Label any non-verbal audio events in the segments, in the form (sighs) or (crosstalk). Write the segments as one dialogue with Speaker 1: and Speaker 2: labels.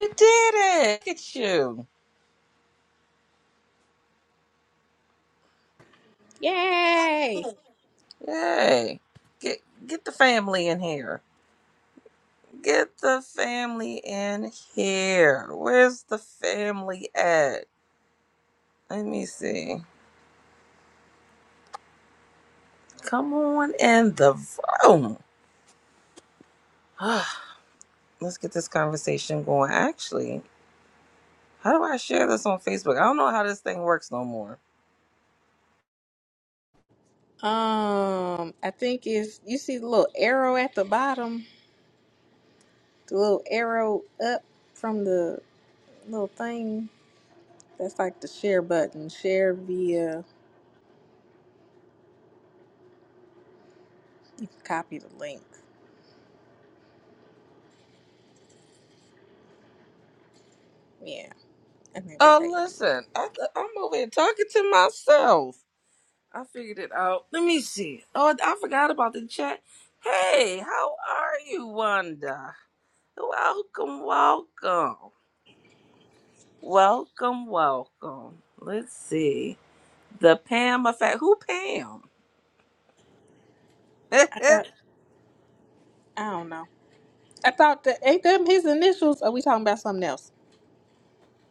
Speaker 1: You did it. Look at you.
Speaker 2: Yay!
Speaker 1: Yay. Get get the family in here. Get the family in here. Where's the family at? Let me see. Come on in the room. (sighs) Let's get this conversation going. Actually, how do I share this on Facebook? I don't know how this thing works no more.
Speaker 2: Um, I think it's you see the little arrow at the bottom, the little arrow up from the little thing. That's like the share button. Share via you can copy the link. Yeah, I think that's how
Speaker 1: Oh,
Speaker 2: you do it.
Speaker 1: listen, I, I'm over here talking to myself. I figured it out. Let me see. Oh, I forgot about the chat. Hey, how are you, Wanda? Welcome, welcome. Welcome, welcome. Let's see. The Pam effect. Who Pam? (laughs)
Speaker 2: I thought I don't know. I thought that ain't them his initials. Are we talking about something else?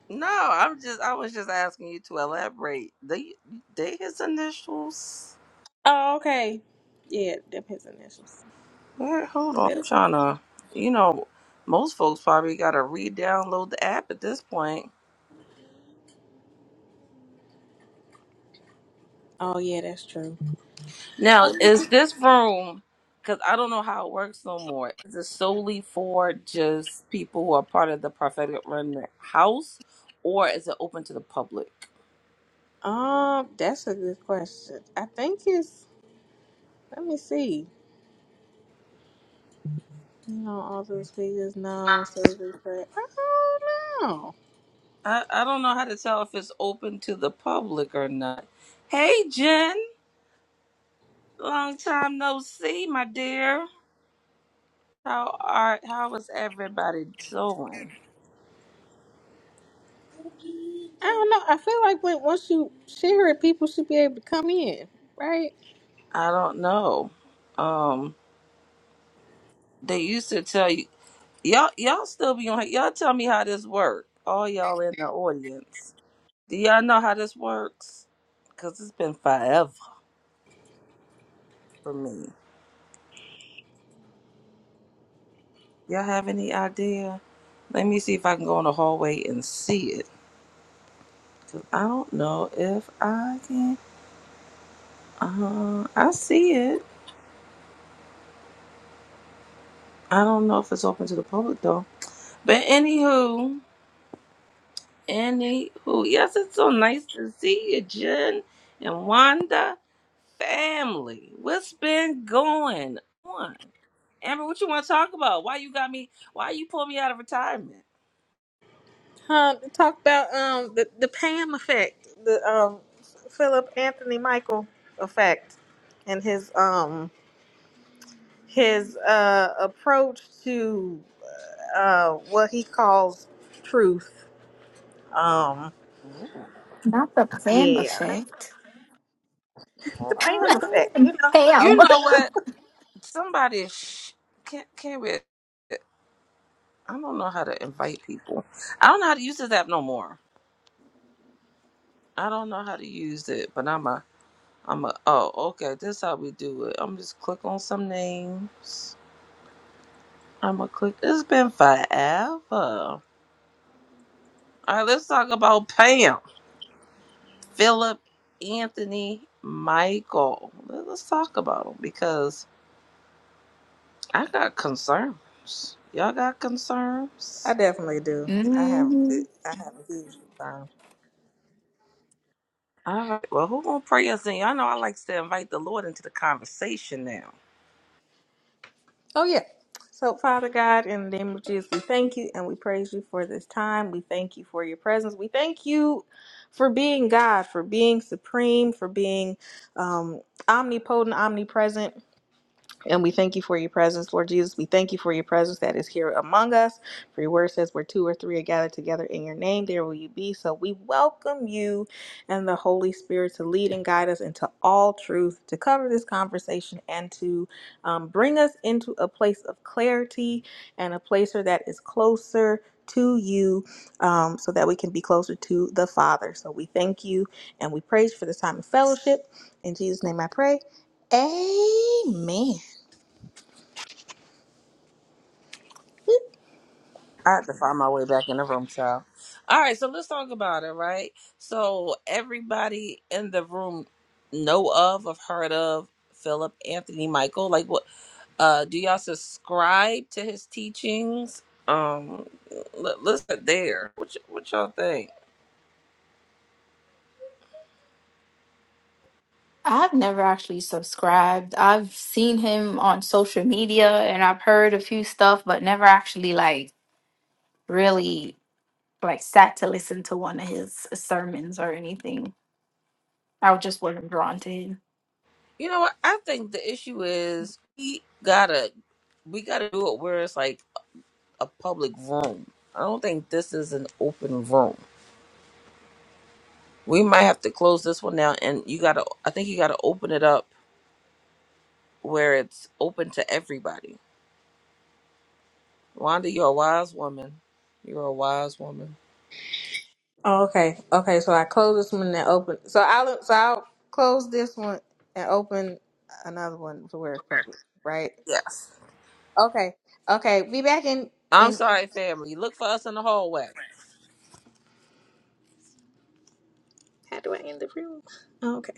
Speaker 1: no, I'm just I was just asking you to elaborate. They they his initials.
Speaker 2: Oh, okay. Yeah, them his initials.
Speaker 1: Wait, hold on. I'm
Speaker 2: Philip.
Speaker 1: trying to you know, most folks probably gotta re download the app at this point.
Speaker 2: Oh yeah, that's true.
Speaker 1: Now, is this room, because I don't know how it works no more, is it solely for just people who are part of the prophetic remnant house, or is it open to the public?
Speaker 2: Um, that's a good question. I think it's let me see. You know, all those figures now, so they play. I don't know.
Speaker 1: I, I don't know how to tell if it's open to the public or not. Hey, Jen, long time no see, my dear. How are how is everybody doing?
Speaker 2: I don't know. I feel like when once you share it, people should be able to come in, right?
Speaker 1: I don't know. Um, they used to tell you y'all y'all still be on. Y'all tell me how this work. All y'all in the audience. Do y'all know how this works? Cause it's been forever for me. Y'all have any idea? Let me see if I can go in the hallway and see it. Cause I don't know if I can. Uh, I see it. I don't know if it's open to the public though. But anywho, anywho, yes, it's so nice to see you, Jen and Wanda family. What's been going on? Amber, what you want to talk about? Why you got me? Why you pull me out of retirement?
Speaker 2: Um, talk about um the the Pam effect, the um Philip Anthony Michael effect, and his um his uh approach to uh what he calls truth. Um,
Speaker 3: Not the Pam
Speaker 2: yeah,
Speaker 3: effect.
Speaker 2: the Pam
Speaker 1: What?
Speaker 2: effect. You know,
Speaker 3: Pam.
Speaker 1: You know what? Somebody sh- can't can't be. I don't know how to invite people. I don't know how to use this app no more. I don't know how to use it, but I'm a I'm a oh okay. This is how we do it. I'm just click on some names. I'm gonna click. It's been forever. All right, let's talk about Pam, Philip, Anthony, Michael. Let- Let's talk about them because I got concerns. Y'all got concerns?
Speaker 2: I definitely do. I have
Speaker 3: hmm
Speaker 2: I have a huge. Time.
Speaker 1: All right. Well, who gonna pray us in? I know I like to invite the Lord into the conversation now.
Speaker 2: Oh, yeah. So, Father God, in the name of Jesus, we thank you and we praise you for this time. We thank you for your presence. We thank you for being God, for being supreme, for being um, omnipotent, omnipresent. And we thank you for your presence, Lord Jesus. We thank you for your presence that is here among us. For your word says, where two or three are gathered together in your name, there will you be. So we welcome you and the Holy Spirit to lead and guide us into all truth, to cover this conversation, and to um, bring us into a place of clarity and a place where that is closer to you um, so that we can be closer to the Father. So we thank you and we praise you for this time of fellowship. In Jesus' name I pray. Amen.
Speaker 1: I have to find my way back in the room, child. All right, so let's talk about it, right? So everybody in the room know of, have heard of Philip Anthony Michael. Like, what? Uh, do y'all subscribe to his teachings? Um, let, let's get there. What y- what y'all think?
Speaker 3: I've never actually subscribed. I've seen him on social media and I've heard a few stuff, but never actually like really like sat to listen to one of his sermons or anything. I just wasn't drawn to him.
Speaker 1: You know what? I think the issue is we gotta we gotta do it where it's like a public room. I don't think this is an open room. We might have to close this one down, and you gotta. I think you gotta open it up where it's open to everybody. Wanda, you're a wise woman. You're a wise woman.
Speaker 2: Oh, okay. Okay. So I close this one and open. So I'll so I'll close this one and open another one to where it's public, right?
Speaker 1: Yes.
Speaker 2: Okay. Okay. Be back in
Speaker 1: I'm
Speaker 2: in.
Speaker 1: sorry, family. Look for us in the hallway.
Speaker 2: How do I end the room? Okay.